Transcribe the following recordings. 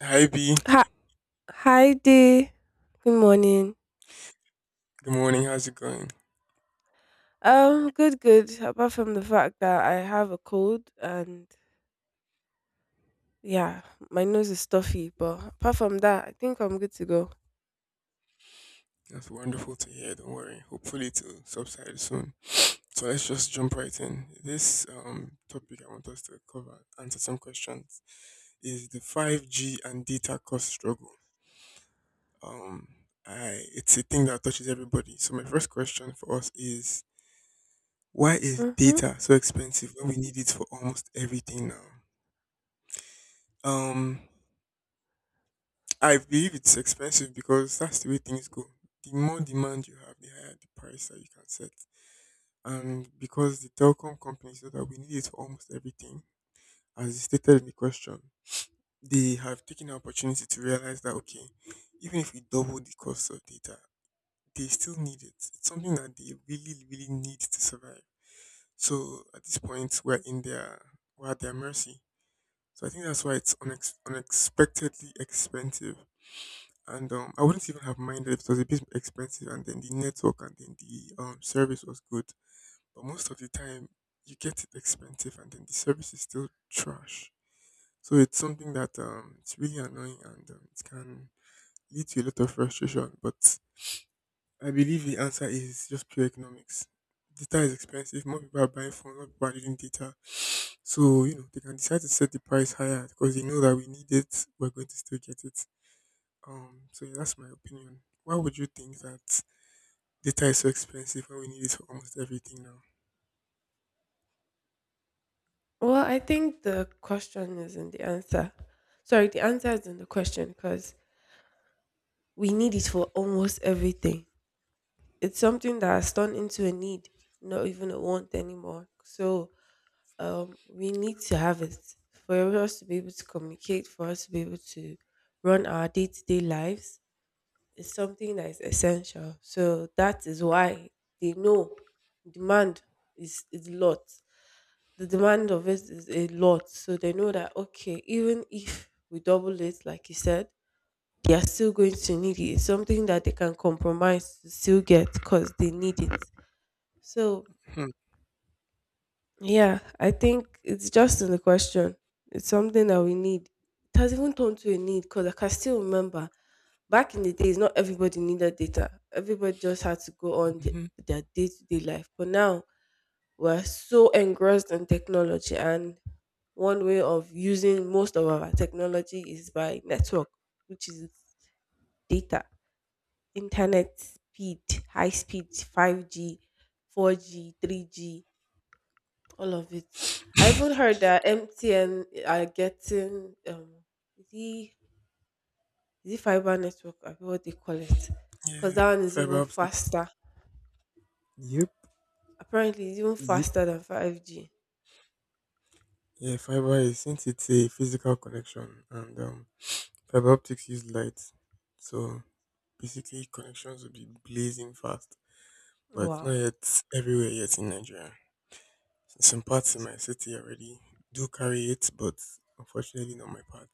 Hi B, Hi, hi, Dee. Good morning. good morning. How's it going? Good, good. Apart from the fact that I have a cold and yeah, my nose is stuffy, but apart from that, I think I'm good to go. That's wonderful to hear. Don't worry. Hopefully it'll subside soon. So let's just jump right in. This topic I want us to cover, answer some questions, is the five G and data cost struggle. Um, I it's a thing that touches everybody. So my first question for us is, why is Mm-hmm. data so expensive when we need it for almost everything now? Um, I believe it's expensive because that's the way things go. The more demand you have, the higher the price that you can set. And because the telecom companies know that we need it for almost everything, as stated in the question, they have taken the opportunity to realize that, okay, even if we double the cost of data, they still need it. It's something that they really, really need to survive. So at this point, we're at their mercy. So I think that's why it's unexpectedly expensive. And I wouldn't even have minded if it was a bit expensive and then the network and then the service was good. But most of the time, you get it expensive and then the service is still trash. So it's something that it's really annoying and it can lead to a lot of frustration. But I believe the answer is just pure economics. Data is expensive. More people are buying phones. More people are using data. So you know they can decide to set the price higher because they know that we need it. We're going to still get it. So yeah, that's my opinion. Why would you think that data is so expensive when we need it for almost everything now? Well, I think the question is in the answer. Sorry, the answer is in the question because we need it for almost everything. It's something that has turned into a need, not even a want anymore. So we need to have it for us to be able to communicate, for us to be able to run our day to day lives. It's something that is essential. So that is why they know demand is a lot. The demand of it is a lot. So they know that, okay, even if we double it, like you said, they are still going to need it. It's something that they can compromise to still get because they need it. So Hmm. yeah, I think it's just in the question. It's something that we need. It has even turned to a need because I can still remember back in the days, not everybody needed data. Everybody just had to go on Mhm. their day to day life. But now we're so engrossed in technology, and one way of using most of our technology is by network, which is data, internet speed, high speed, 5G, 4G, 3G. All of it. I even heard that MTN are getting is it is it fiber network? I forget what they call it. Cause Yeah. that one is even Fiber. faster. Yep, Apparently, it's even yep. faster than 5G. Yeah, fiber is, since it's a physical connection and fiber optics use light, so basically connections will be blazing fast. But it's not Wow. yet everywhere yet in Nigeria. Some parts in my city already do carry it, but unfortunately not my part.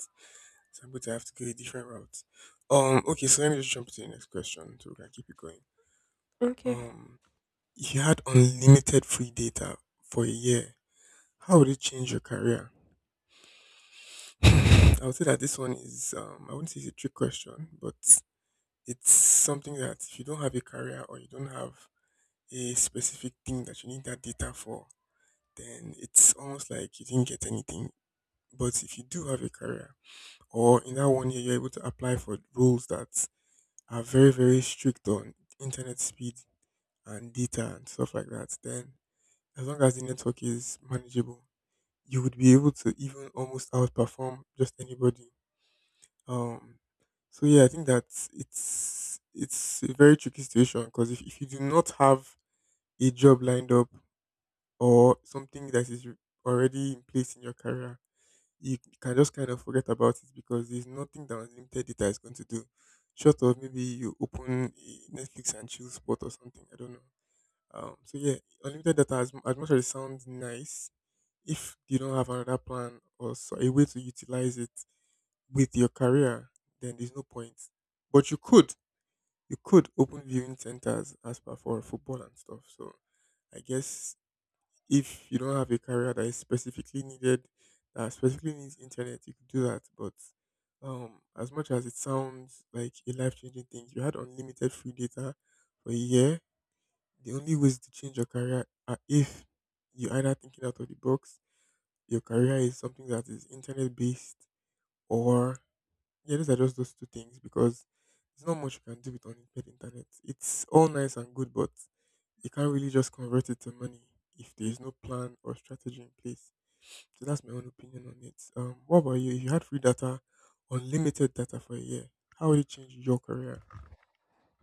So I'm going to have to go a different route. Okay, so let me just jump to the next question so we can keep it going. Okay. Um, if you had unlimited free data for a year, how would it change your career? I would say that this one is, I wouldn't say it's a trick question, but it's something that if you don't have a career or you don't have a specific thing that you need that data for, then it's almost like you didn't get anything. But if you do have a career, or in that one year you're able to apply for rules that are very, very strict on internet speed and data and stuff like that, then as long as the network is manageable, you would be able to even almost outperform just anybody. Um, so yeah, I think that it's a very tricky situation because if you do not have a job lined up or something that is already in place in your career, you can just kind of forget about it because there's nothing that unlimited data is going to do. Short of maybe you open a Netflix and chill spot or something. I don't know. So yeah, unlimited data, as much as it sounds nice, if you don't have another plan or so, a way to utilize it with your career, then there's no point. But you could open viewing centers as per for football and stuff. So I guess if you don't have a career that is specifically needed, that specifically needs internet, you could do that. But as much as it sounds like a life changing thing, if you had unlimited free data for a year. The only ways to change your career are if you either thinking out of the box, your career is something that is internet based, or yeah, those are just those two things because there's not much you can do with unlimited internet. It's all nice and good, but you can't really just convert it to money if there is no plan or strategy in place. So that's my own opinion on it. What about you? If you had free data, unlimited data for a year, how would it change your career?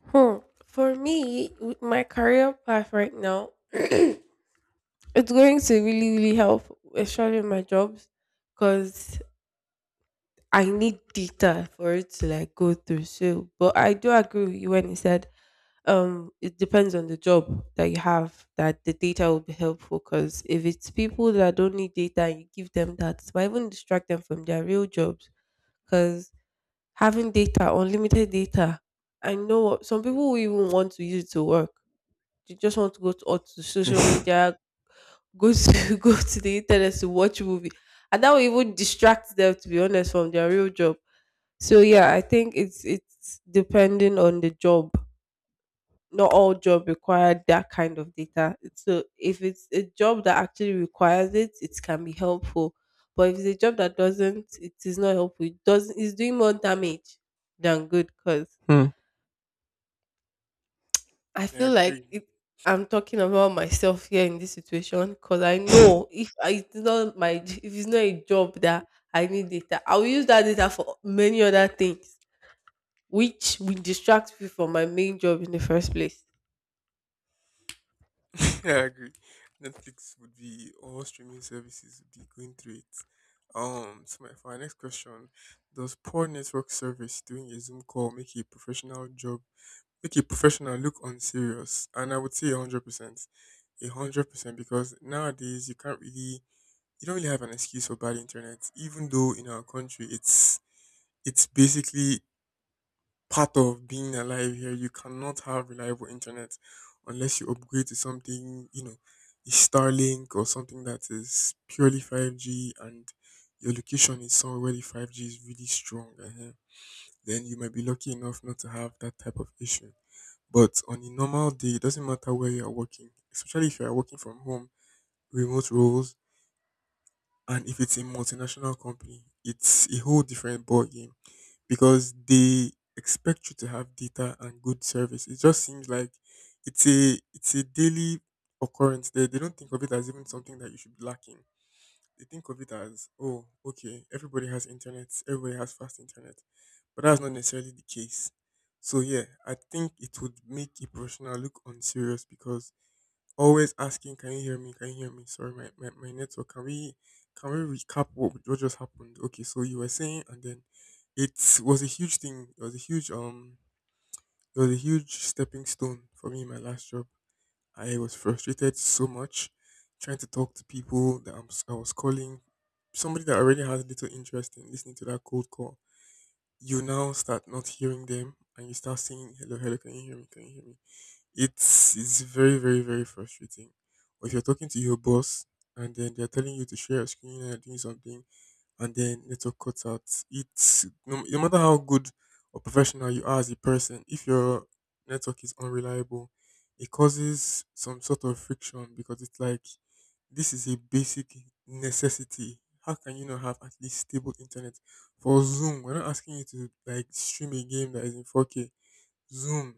Hmm. For me, with my career path right now, it's going to really really help, especially in my jobs, cause I need data for it to like go through. So, but I do agree with you when you said it depends on the job that you have that the data will be helpful because if it's people that don't need data and you give them that it might even distract them from their real jobs because having data unlimited data some people will even want to use it to work. They just want to go to, or to social media, go to go to the internet to watch movie, and that will even distract them, to be honest, from their real job. So yeah, I think it's depending on the job. Not all job require that kind of data. So if it's a job that actually requires it, it can be helpful. But if it's a job that doesn't, it is not helpful. It's doing more damage than good because Hmm. I I feel like agree. I'm talking about myself here in this situation because I know if I- it's not my if it's not a job that I need data, I will use that data for many other things which will distract me from my main job in the first place. I agree. Netflix would be, all streaming services would be going through it. So my for our next question: Does poor network service doing a Zoom call make a professional job make a professional look unserious? And I would say 100%, 100%, because nowadays you don't really have an excuse for bad internet, even though in our country it's basically part of being alive here. You cannot have reliable internet unless you upgrade to something, you know, a Starlink or something that is purely 5G and your location is somewhere where the 5G is really strong. Then you might be lucky enough not to have that type of issue. But on a normal day, it doesn't matter where you are working, especially if you are working from home, remote roles, and if it's a multinational company, it's a whole different ballgame because they expect you to have data and good service. It just seems like it's a daily occurrence. They don't think of it as even something that you should be lacking. They think of it as, oh okay, everybody has internet, everybody has fast internet, but that's not necessarily the case. So yeah, I think it would make a professional look unserious because always asking, "Can you hear me? Can you hear me? Sorry, my network. Can we recap what just happened? Okay, so you were saying," and then it was a huge thing. It was a huge it was a huge stepping stone for me in my last job. I was frustrated so much trying to talk to people that I was calling. Somebody that already has little interest in listening to that cold call. You now start not hearing them, and you start saying, "Hello, hello, can you hear me? Can you hear me?" It's very very very frustrating. Or if you're talking to your boss and then they're telling you to share a screen and doing something, and then network cuts out. It's no, no matter how good or professional you are as a person, if your network is unreliable, it causes some sort of friction because it's like this is a basic necessity. How can you not have at least stable internet for Zoom? We're not asking you to like stream a game that is in 4K. Zoom.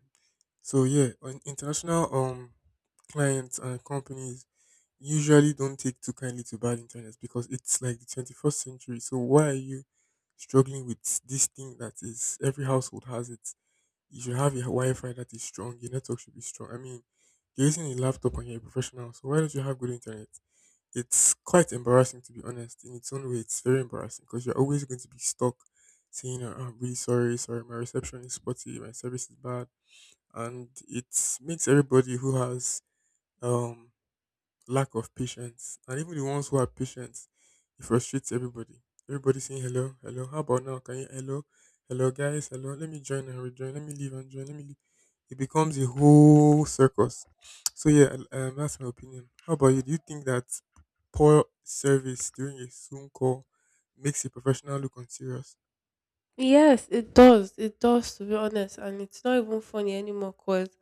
So yeah, on international clients and companies usually don't take too kindly to bad internet because it's like the 21st century. So why are you struggling with this thing that is every household has it? You should have a Wi-Fi that is strong. Your network should be strong. I mean, you're using a laptop and you're a professional, so why don't you have good internet? It's quite embarrassing, to be honest. In its own way, it's very embarrassing because you're always going to be stuck saying, "Oh, I'm really sorry, sorry, my reception is spotty, my service is bad," and it makes everybody who has um lack of patience, and even the ones who are patient, it frustrates everybody, everybody saying, hello, hello, how about now, can you, hello, hello guys, hello, let me join and rejoin, let me leave and join, let me leave. It becomes a whole circus. So yeah, that's my opinion. How about you? Do you think that poor service during a Zoom call makes a professional look unserious? Yes, it does. It does, to be honest. And it's not even funny anymore because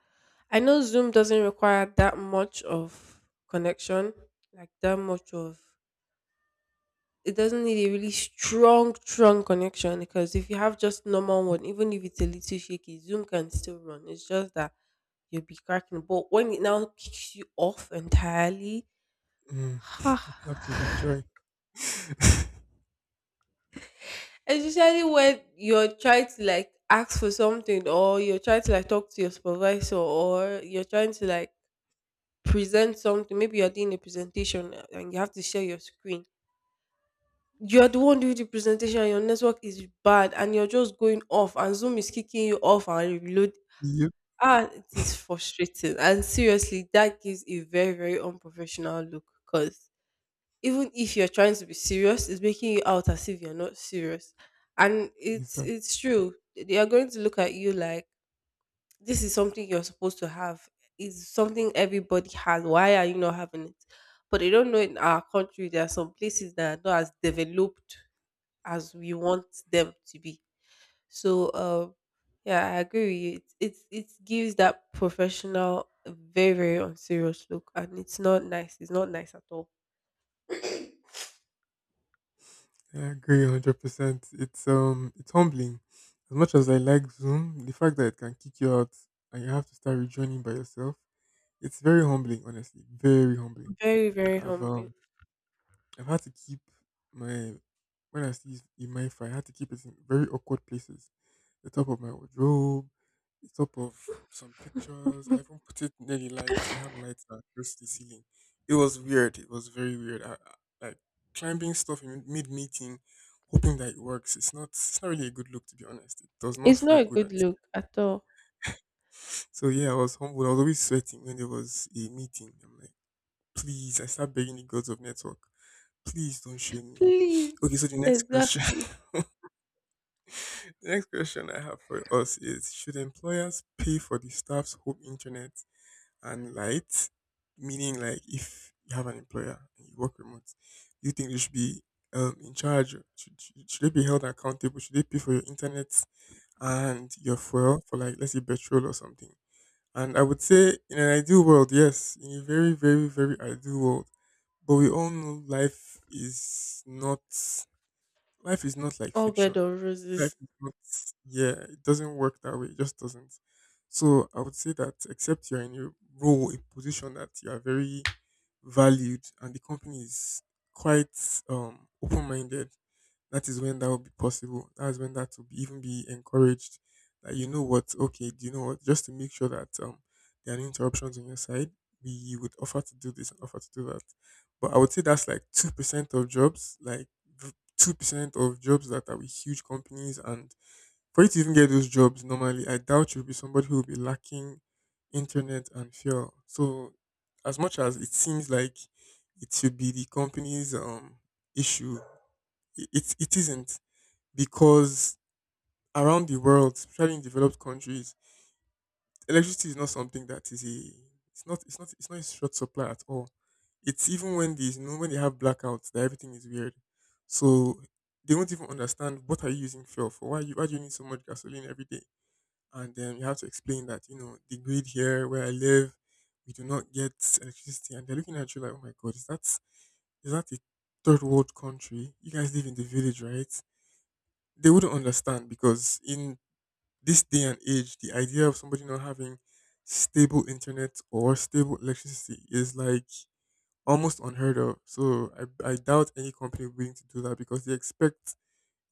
I know Zoom doesn't require that much of connection, like that much of, it doesn't need a really strong, strong connection because if you have just normal one, even if it's a little shaky, Zoom can still run. It's just that you'll be cracking. But when it now kicks you off entirely, Mm. You have to be ha. joy. Especially when you're trying to like ask for something or you're trying to like talk to your supervisor or you're trying to like present something. Maybe you're doing a presentation and you have to share your screen. You're the one doing the presentation, your network is bad, and you're just going off and Zoom is kicking you off and reload. Yep. Ah, it is frustrating. And seriously, that gives a very, very unprofessional look because even if you're trying to be serious, it's making you out as if you're not serious. And it's Exactly. it's true. They are going to look at you like this is something you're supposed to have. It's something everybody has. Why are you not having it? But they don't know in our country there are some places that are not as developed as we want them to be. So yeah, I agree with you. It gives that professional a very very unserious look, and it's not nice. It's not nice at all. Yeah, I agree 100%. It's humbling. As much as I like Zoom, the fact that it can kick you out and you have to start rejoining by yourself, it's very humbling, honestly. Very humbling. Very, very I've humbling. um I've had to keep my when I see in my if I had to keep it in very awkward places, the top of my wardrobe, the top of some pictures. I even put it near the light. We have lights that are close to the ceiling. It was weird. It was very weird. Like climbing stuff in mid meeting, hoping that it works. It's not. It's not really a good look, to be honest. It does not It's feel not a good. good And look at all. so yeah, I was humbled. I was always sweating when there was a meeting. I'm like, please. I start begging the gods of network. Please don't shame me. Okay, Please, so the next question. exactly. The next question I have for us is, should employers pay for the staff's home internet and lights? Meaning, like, if you have an employer and you work remote, do you think they should be in charge? Should they be held accountable? Should they pay for your internet and your fuel for, like, let's say, petrol or something? And I would say, in an ideal world, yes, in a very, very, very ideal world. But we all know life is not like All bed fiction. of Life roses. is not, Yeah, it doesn't work that way. It just doesn't. So I would say that except you're in a role, a position that you are very valued and the company is quite open minded. That is when that will be possible. That is when that will even be encouraged. That you know what, okay, Do you know what? Just to make sure that there are no interruptions on your side, we would offer to do this and offer to do that. But I would say that's like 2% of jobs, like 2% of jobs that are with huge companies. And for you to even get those jobs, normally I doubt you'll be somebody who will be lacking internet and fuel. So as much as it seems like it should be the company's issue, it isn't because around the world, especially in developed countries, electricity is not something that is a it's not in short supply at all. It's even when these you know when they have blackouts that everything is weird. So they won't even understand, what are you using fuel for? Why do you need so much gasoline every day? And then you have to explain that, the grid here where I live, we do not get electricity, and they're looking at you like, oh my God, is that a third world country? You guys live in the village, right? They wouldn't understand because in this day and age, the idea of somebody not having stable internet or stable electricity is like almost unheard of. So I doubt any company will be willing to do that because they expect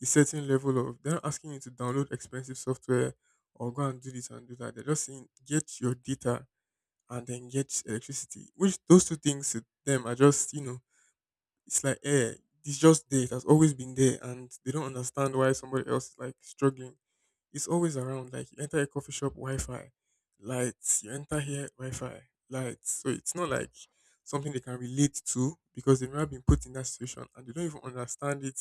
a certain level of, they're not asking you to download expensive software or go and do this and do that. They're just saying get your data and then get electricity. Which those two things to them are just, it's like, eh, it's just there. It has always been there, and they don't understand why somebody else is like struggling. It's always around. Like, you enter a coffee shop, Wi-Fi, lights. You enter here, Wi-Fi, lights. So it's not like something they can relate to because they've never been put in that situation and they don't even understand it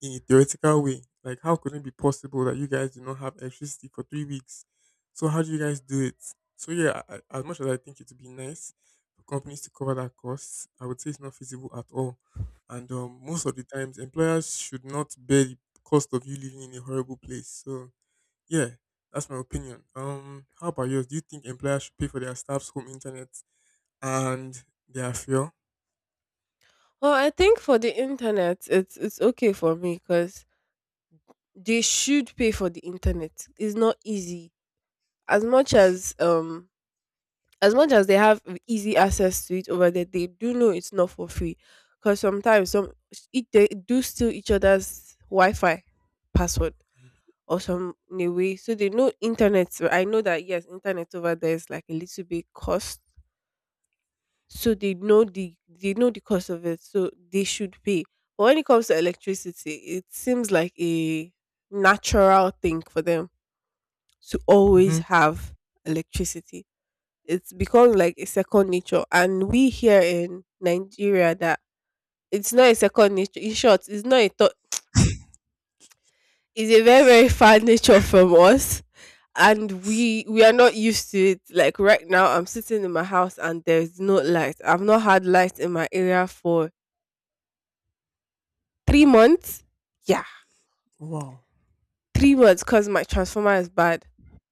in a theoretical way. Like, how could it be possible that you guys do not have electricity for 3 weeks? So how do you guys do it? So, yeah, as much as I think it would be nice for companies to cover that cost, I would say it's not feasible at all. And most of the times, employers should not bear the cost of you living in a horrible place. So, yeah, that's my opinion. How about yours? Do you think employers should pay for their staff's home internet and their fuel? Well, I think for the internet, it's okay for me because they should pay for the internet. It's not easy. As much as um as much as they have easy access to it over there, they do know it's not for free. Because sometimes they do steal each other's Wi-Fi password, or some, in a way. So they know internet. So I know that, yes, internet over there is like a little bit cost. So they know they know the cost of it. So they should pay. But when it comes to electricity, it seems like a natural thing for them to always Mm-hmm. have electricity. It's become like a second nature. And we here in Nigeria, that it's not a second nature. In short, it's not a thought. It's a very very far nature from us and we are not used to it. Like right now, I'm sitting in my house and there's no light. I've not had light in my area for 3 months. Yeah, Wow, 3 months because my transformer is bad,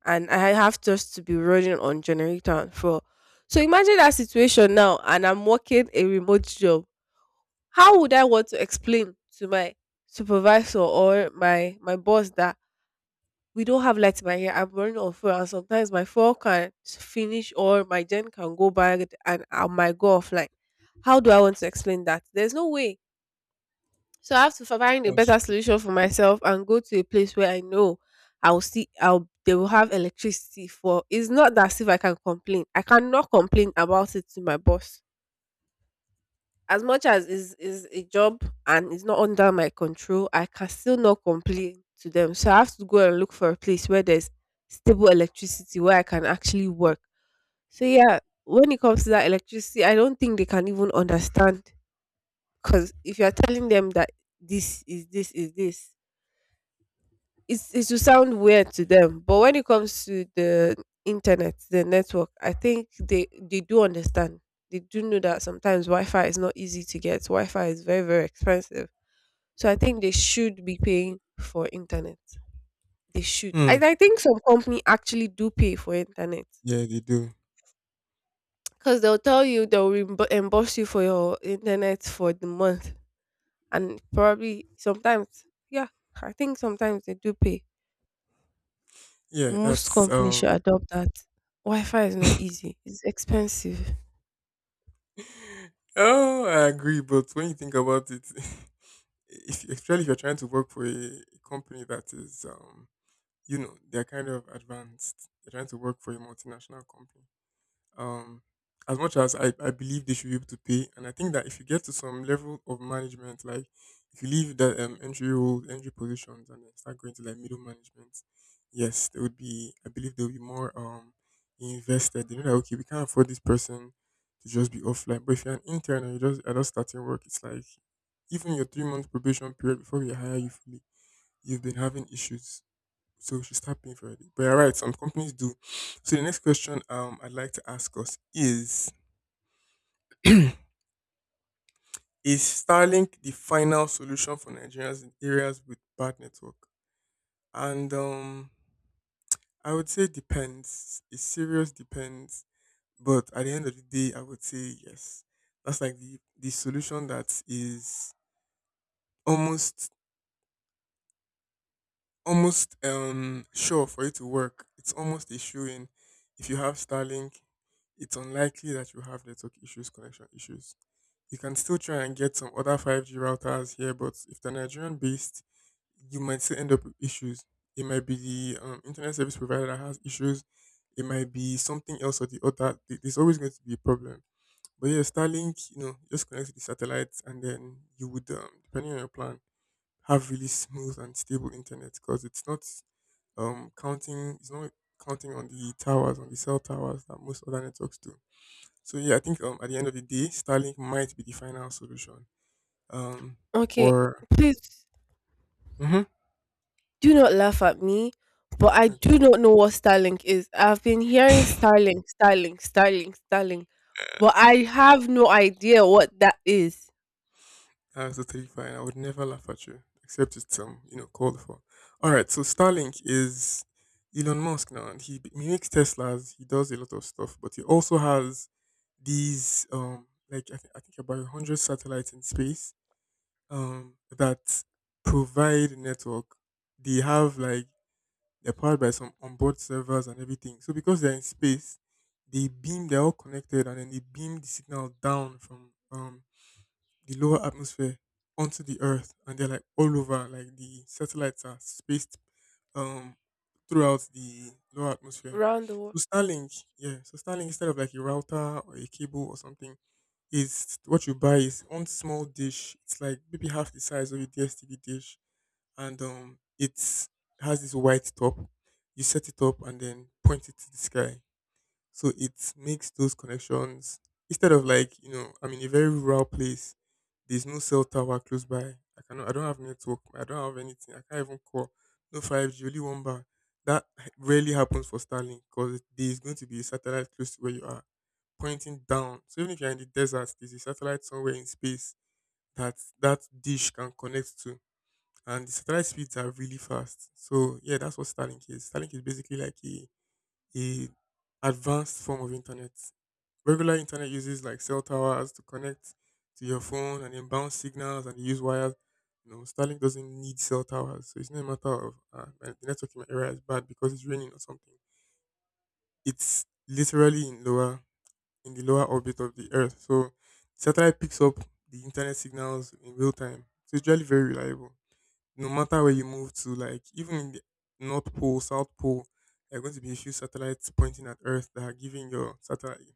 and I have just to be running on generator and fuel. So imagine that situation now, and I'm working a remote job. How would I want to explain to my supervisor or my boss that we don't have light in my hair? I'm running on full, and sometimes my phone can finish or my gen can go bad, and I might go offline. How do I want to explain that? There's no way. So I have to find a that's better true. solution for myself and go to a place where I know I'll see I'll they will have electricity for. It's not that as if I can complain. I cannot complain about it to my boss. As much as is a job and it's not under my control, I can still not complain to them. So I have to go and look for a place where there's stable electricity where I can actually work. So yeah, when it comes to that electricity, I don't think they can even understand because if you're telling them that this is this is this, it will sound weird to them. But when it comes to the internet, the network, I think they do understand. They do know that sometimes Wi-Fi is not easy to get. Wi-Fi is very very expensive. So I think they should be paying for internet. They should, Hmm. I think some company actually do pay for internet Yeah, they do. because they'll tell you they'll reimburse you for your internet for the month, and probably sometimes, yeah, I think sometimes they do pay. Yeah, Most that's companies should um. adopt that. Wi-Fi is not easy. It's expensive. Oh, I agree. But when you think about it, if especially if you're trying to work for a company that is they're kind of advanced. They're trying to work for a multinational company. um, as much as I believe they should be able to pay, and I think that if you get to some level of management, like if you leave the entry role, entry positions, and then start going to like middle management, yes, I believe there will be more invested. They know that, okay, we can't afford this person to just be offline. But if you're an intern and you just are just starting work, it's like even your 3 month probation period before we hire you fully, you've been having issues. So we should start paying for it. But you're right, some companies do. So the next question, I'd like to ask us is, is Starlink the final solution for Nigerians in areas with bad network? And I would say depends. It's serious depends. But at the end of the day, I would say yes. That's like the solution that is almost almost sure for it to work. It's almost a shoe in. If you have Starlink, it's unlikely that you have network issues, connection issues. You can still try and get some other 5G routers here, but if they're Nigerian based, you might still end up with issues. It might be the internet service provider that has issues. It might be something else or the other. There's always going to be a problem. But yeah, Starlink, just connect to the satellites, and then you would, depending on your plan, have really smooth and stable internet because it's not um counting it's not counting on the cell towers that most other networks do. So yeah, I think, at the end of the day, Starlink might be the final solution. Um Okay, for please. Mm-hmm. Do not laugh at me, but I Okay, do not know what Starlink is. I've been hearing Starlink, Starlink, Starlink, Starlink, but I have no idea what that is. that's totally fine. I would never laugh at you except it's called for. All right, so Starlink is Elon Musk now, and he makes Teslas. He does a lot of stuff, but he also has these like I think about 100 satellites in space that provide network. They have, like, they're powered by some onboard servers and everything. So because they're in space, they're all connected, and then they beam the signal down from the lower atmosphere onto the Earth, and they're, like, all over. Like, the satellites are spaced um throughout the lower atmosphere. Round the world. So Starlink, yeah. So Starlink, instead of like a router or a cable or something, it's what you buy is one small dish. It's like maybe half the size of a DSTV dish, and it's has this white top. You set it up and then point it to the sky, so it makes those connections. Instead of, like, I'm in a very rural place. There's no cell tower close by. I cannot. I don't have network. I don't have anything. I can't even call. No 5G. Only one bar. That rarely happens for Starlink because there is going to be a satellite close to where you are pointing down. So even if you're in the desert, there's a satellite somewhere in space that that dish can connect to, and the satellite speeds are really fast. So yeah, that's what Starlink is. Starlink is basically like a advanced form of internet. Regular internet uses, like, cell towers to connect to your phone and then bounce signals, and they use wires. No, Starlink doesn't need cell towers, so it's not a matter of the network in my area is bad because it's raining or something. It's literally in the lower orbit of the Earth. So the satellite picks up the internet signals in real time. So it's really very reliable. No matter where you move to, like, even in the North Pole, South Pole, there are going to be a few satellites pointing at Earth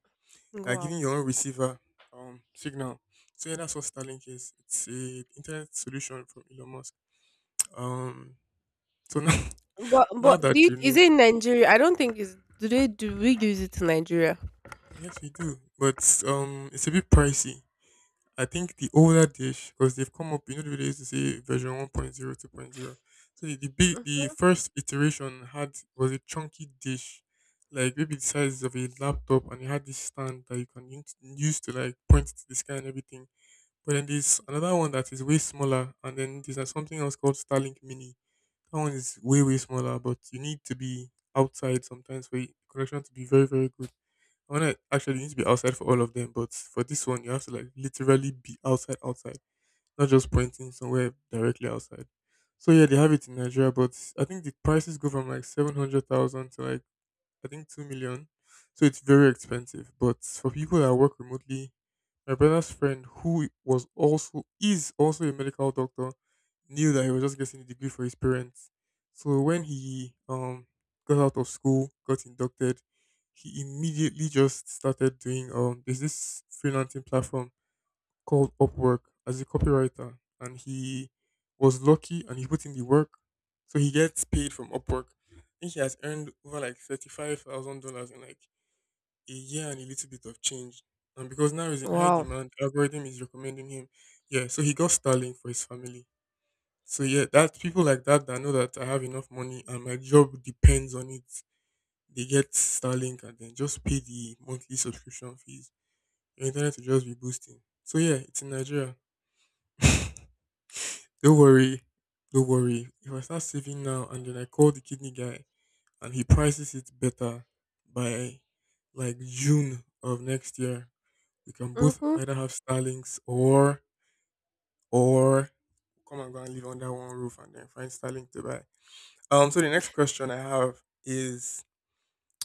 that are giving Wow. your own receiver signal. So yeah, that's what Starlink is. It's a internet solution from Elon Musk. Um so now, But now but do that you, you is know, it in Nigeria? I don't think it's do they do we use it in Nigeria? yes, we do. But it's a bit pricey. I think the older dish, because they've come up, you know, the way they used to say version one point zero, two point zero. So the big, the Mhm. first iteration had was a chunky dish, like maybe the size of a laptop, and it had this stand that you can use to like point to the sky and everything. But then there's another one that is way smaller, and then there's something else called Starlink Mini. That one is way, way smaller, but you need to be outside sometimes for your connection to be very, very good. I want to actually You need to be outside for all of them, but for this one, you have to like literally be outside, outside, not just pointing somewhere directly outside. So yeah, they have it in Nigeria, but I think the prices go from like 700,000 to like I think 2 million, so it's very expensive. But for people that work remotely, my brother's friend, who was also is also a medical doctor, knew that he was just getting a degree for his parents. So when he got out of school, got inducted, he immediately just started doing there's this freelancing platform called Upwork as a copywriter, and he was lucky and he put in the work, so he gets paid from Upwork. I think he has earned over like $35,000 in like a year and a little bit of change. And because now he's in high Wow. demand, the algorithm is recommending him. Yeah, so he got Starlink for his family. So yeah, that people like that know that I have enough money and my job depends on it, they get Starlink and then just pay the monthly subscription fees. Your internet will just be boosting. So yeah, it's in Nigeria. Don't worry, don't worry. If I start saving now and then I call the kidney guy and he prices it better by like June of next year, we can both Mhm. either have Starlinks or come and go and live under one roof and then find Starlink to buy. So the next question I have is,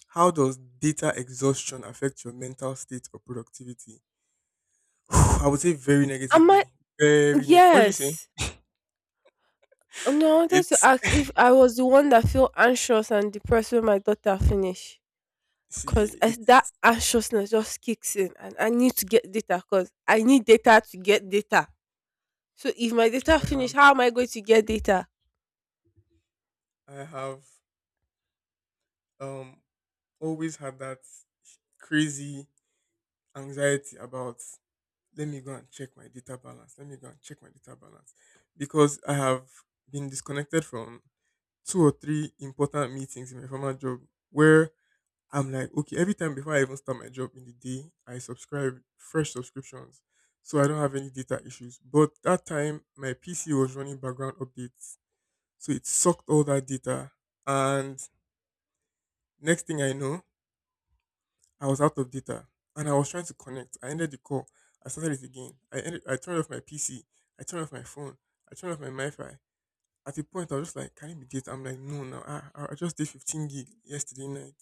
how does data exhaustion affect your mental state or productivity? I would say very Am I? negatively. Very neg. What do you say? Yes. No, I wanted to It's ask if I was the one that feel anxious and depressed when my daughter finished. Because see. that It's anxiousness just kicks in and I need to get data because I need data to get data. So if my data I have finish, how am I going to get data? I have um always had that crazy anxiety about, let me go and check my data balance. Let me go and check my data balance. Because I have been disconnected from two or three important meetings in my former job where I'm like, okay, every time before I even start my job in the day, I subscribe fresh subscriptions. So I don't have any data issues. But that time my PC was running background updates. So it sucked all that data. And next thing I know, I was out of data and I was trying to connect. I ended the call. I started it again. I ended, I turned off my PC. I turned off my phone. I turned off my Wi-Fi. At a point, I was just like, can it be data? I'm like, no, no. I just did 15 gig yesterday night.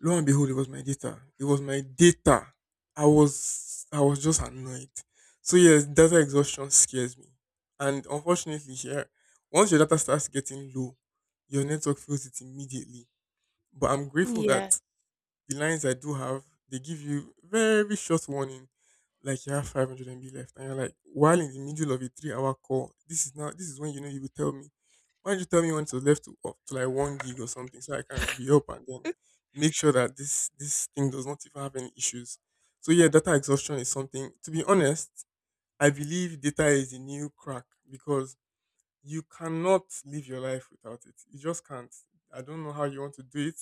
Lo and behold, it was my data. It was my data. I was just annoyed. So yes, data exhaustion scares me. And unfortunately, here, once your data starts getting low, your network feels it immediately. But I'm grateful that Yeah. the lines I do have, they give you very short warning, like you have 500 MB left, and you're like, while in the middle of a three-hour call, this is now this is when you know you will tell me. Why don't you tell me when it's left to up to like one gig or something so I can re up and then make sure that this thing does not even have any issues. So yeah, data exhaustion is something. To be honest, I believe data is the new crack because you cannot live your life without it. You just can't. I don't know how you want to do it,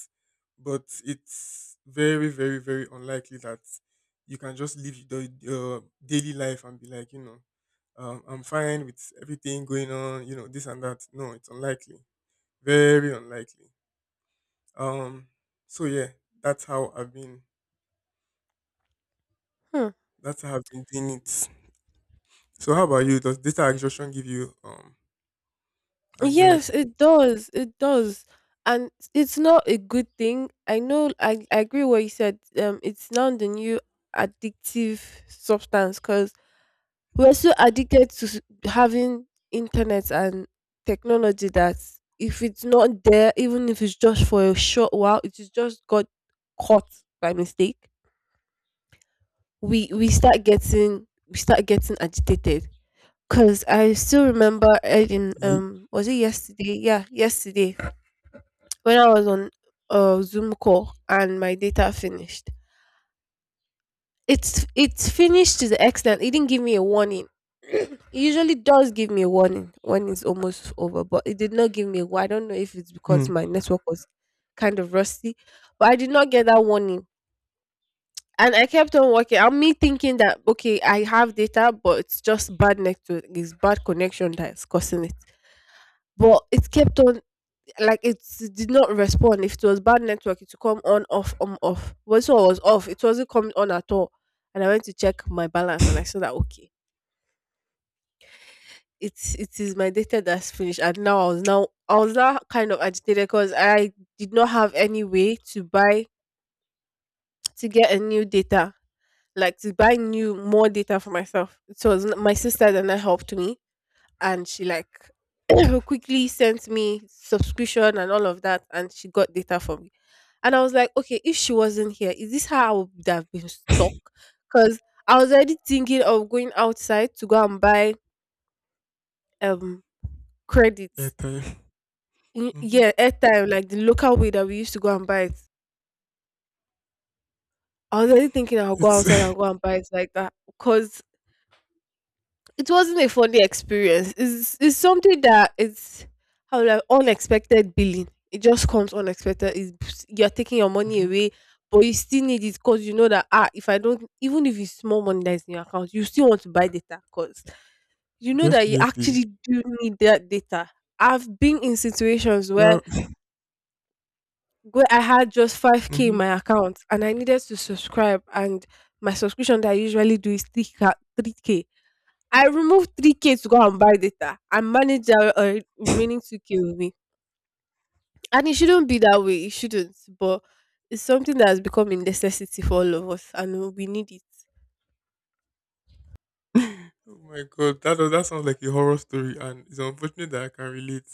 but it's very, very, very unlikely that you can just live the your daily life and be like, I'm fine with everything going on, this and that. No, it's unlikely. Very unlikely. Um, so yeah, that's how I've been. Hmm. That's how I've been doing it. So how about you? Does data exhaustion give you Yes, anxiety? it does. It does. And it's not a good thing. I know I agree what you said. It's now the new addictive substance because we're so addicted to having internet and technology that if it's not there, even if it's just for a short while, it is just got caught by mistake. We start getting agitated. Cause I still remember Ed in You, was it yesterday? Yeah, yesterday when I was on a Zoom call and my data finished. It's finished to the extent it didn't give me a warning. It usually does give me a warning when it's almost over, but it did not give me a warning. I don't know if it's because mm, my network was kind of rusty, but I did not get that warning. And I kept on working. And me thinking that okay, I have data, but it's just bad network, it's bad connection that is causing it. But it kept on, like, it did not respond. If it was bad network, it will come on, off, on, off. Once it was off, it wasn't coming on at all. And I went to check my balance and I saw that okay, It is my data that's finished. And now I was now kind of agitated because I did not have any way to buy, to get a new data. Like to buy new more data for myself. So it was my sister that helped me, and she like quickly sent me subscription and all of that, and she got data for me. And I was like, okay, if she wasn't here, is this how I would have been stuck? Because I was already thinking of going outside to go and buy um credits. airtime. Hmm. Yeah, airtime, like the local way that we used to go and buy it. I was already thinking I'll go It's. outside and go and buy it like that because it wasn't a funny experience. It's something that is, how would I unexpected billing. It just comes unexpected. It's, you're taking your money Mhm. away, but you still need it because you know that, ah, if I don't, even if it's small money that is in your account, you still want to buy data because you know that you Definitely. actually do need that data. I've been in situations where Yeah. I had just 5K in Mhm. my account and I needed to subscribe, and my subscription that I usually do is 3K. I removed 3K to go and buy data and manage the remaining 2K with me. And it shouldn't be that way. It shouldn't. But it's something that has become a necessity for all of us and we need it. Oh my god, that that sounds like a horror story, and it's unfortunate that I can relate.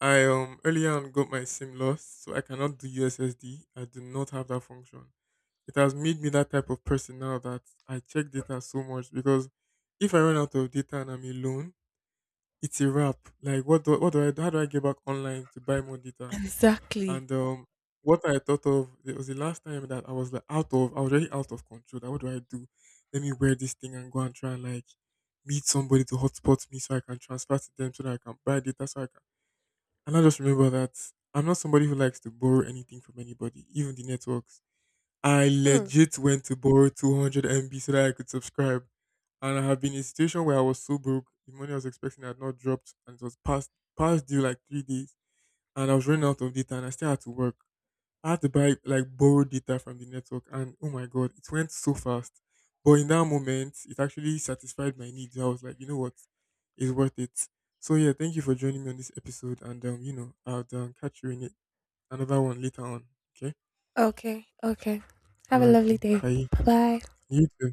I earlier on got my SIM lost, so I cannot do USSD. I do not have that function. It has made me that type of person now that I check data so much because if I run out of data and I'm alone, it's a wrap. Like what do I, how do I get back online to buy more data? Exactly. And what I thought of, it was the last time that I was like out of, I was really out of control. That what do I do? Let me wear this thing and go and try and like meet somebody to hotspot me so I can transfer to them so that I can buy data so I can. And I just remember that I'm not somebody who likes to borrow anything from anybody, even the networks. I Mm. legit went to borrow 200 MB so that I could subscribe. And I have been in a situation where I was so broke, the money I was expecting had not dropped and it was past past due like 3 days. And I was running out of data and I still had to work. I had to buy like borrow data from the network, and oh my god, it went so fast. But in that moment, it actually satisfied my needs. I was like, you know what, it's worth it. So yeah, thank you for joining me on this episode, and I'll catch you in it another one later on. Okay, Okay. Okay. all Have a right, lovely then. day. Bye. Bye. You too.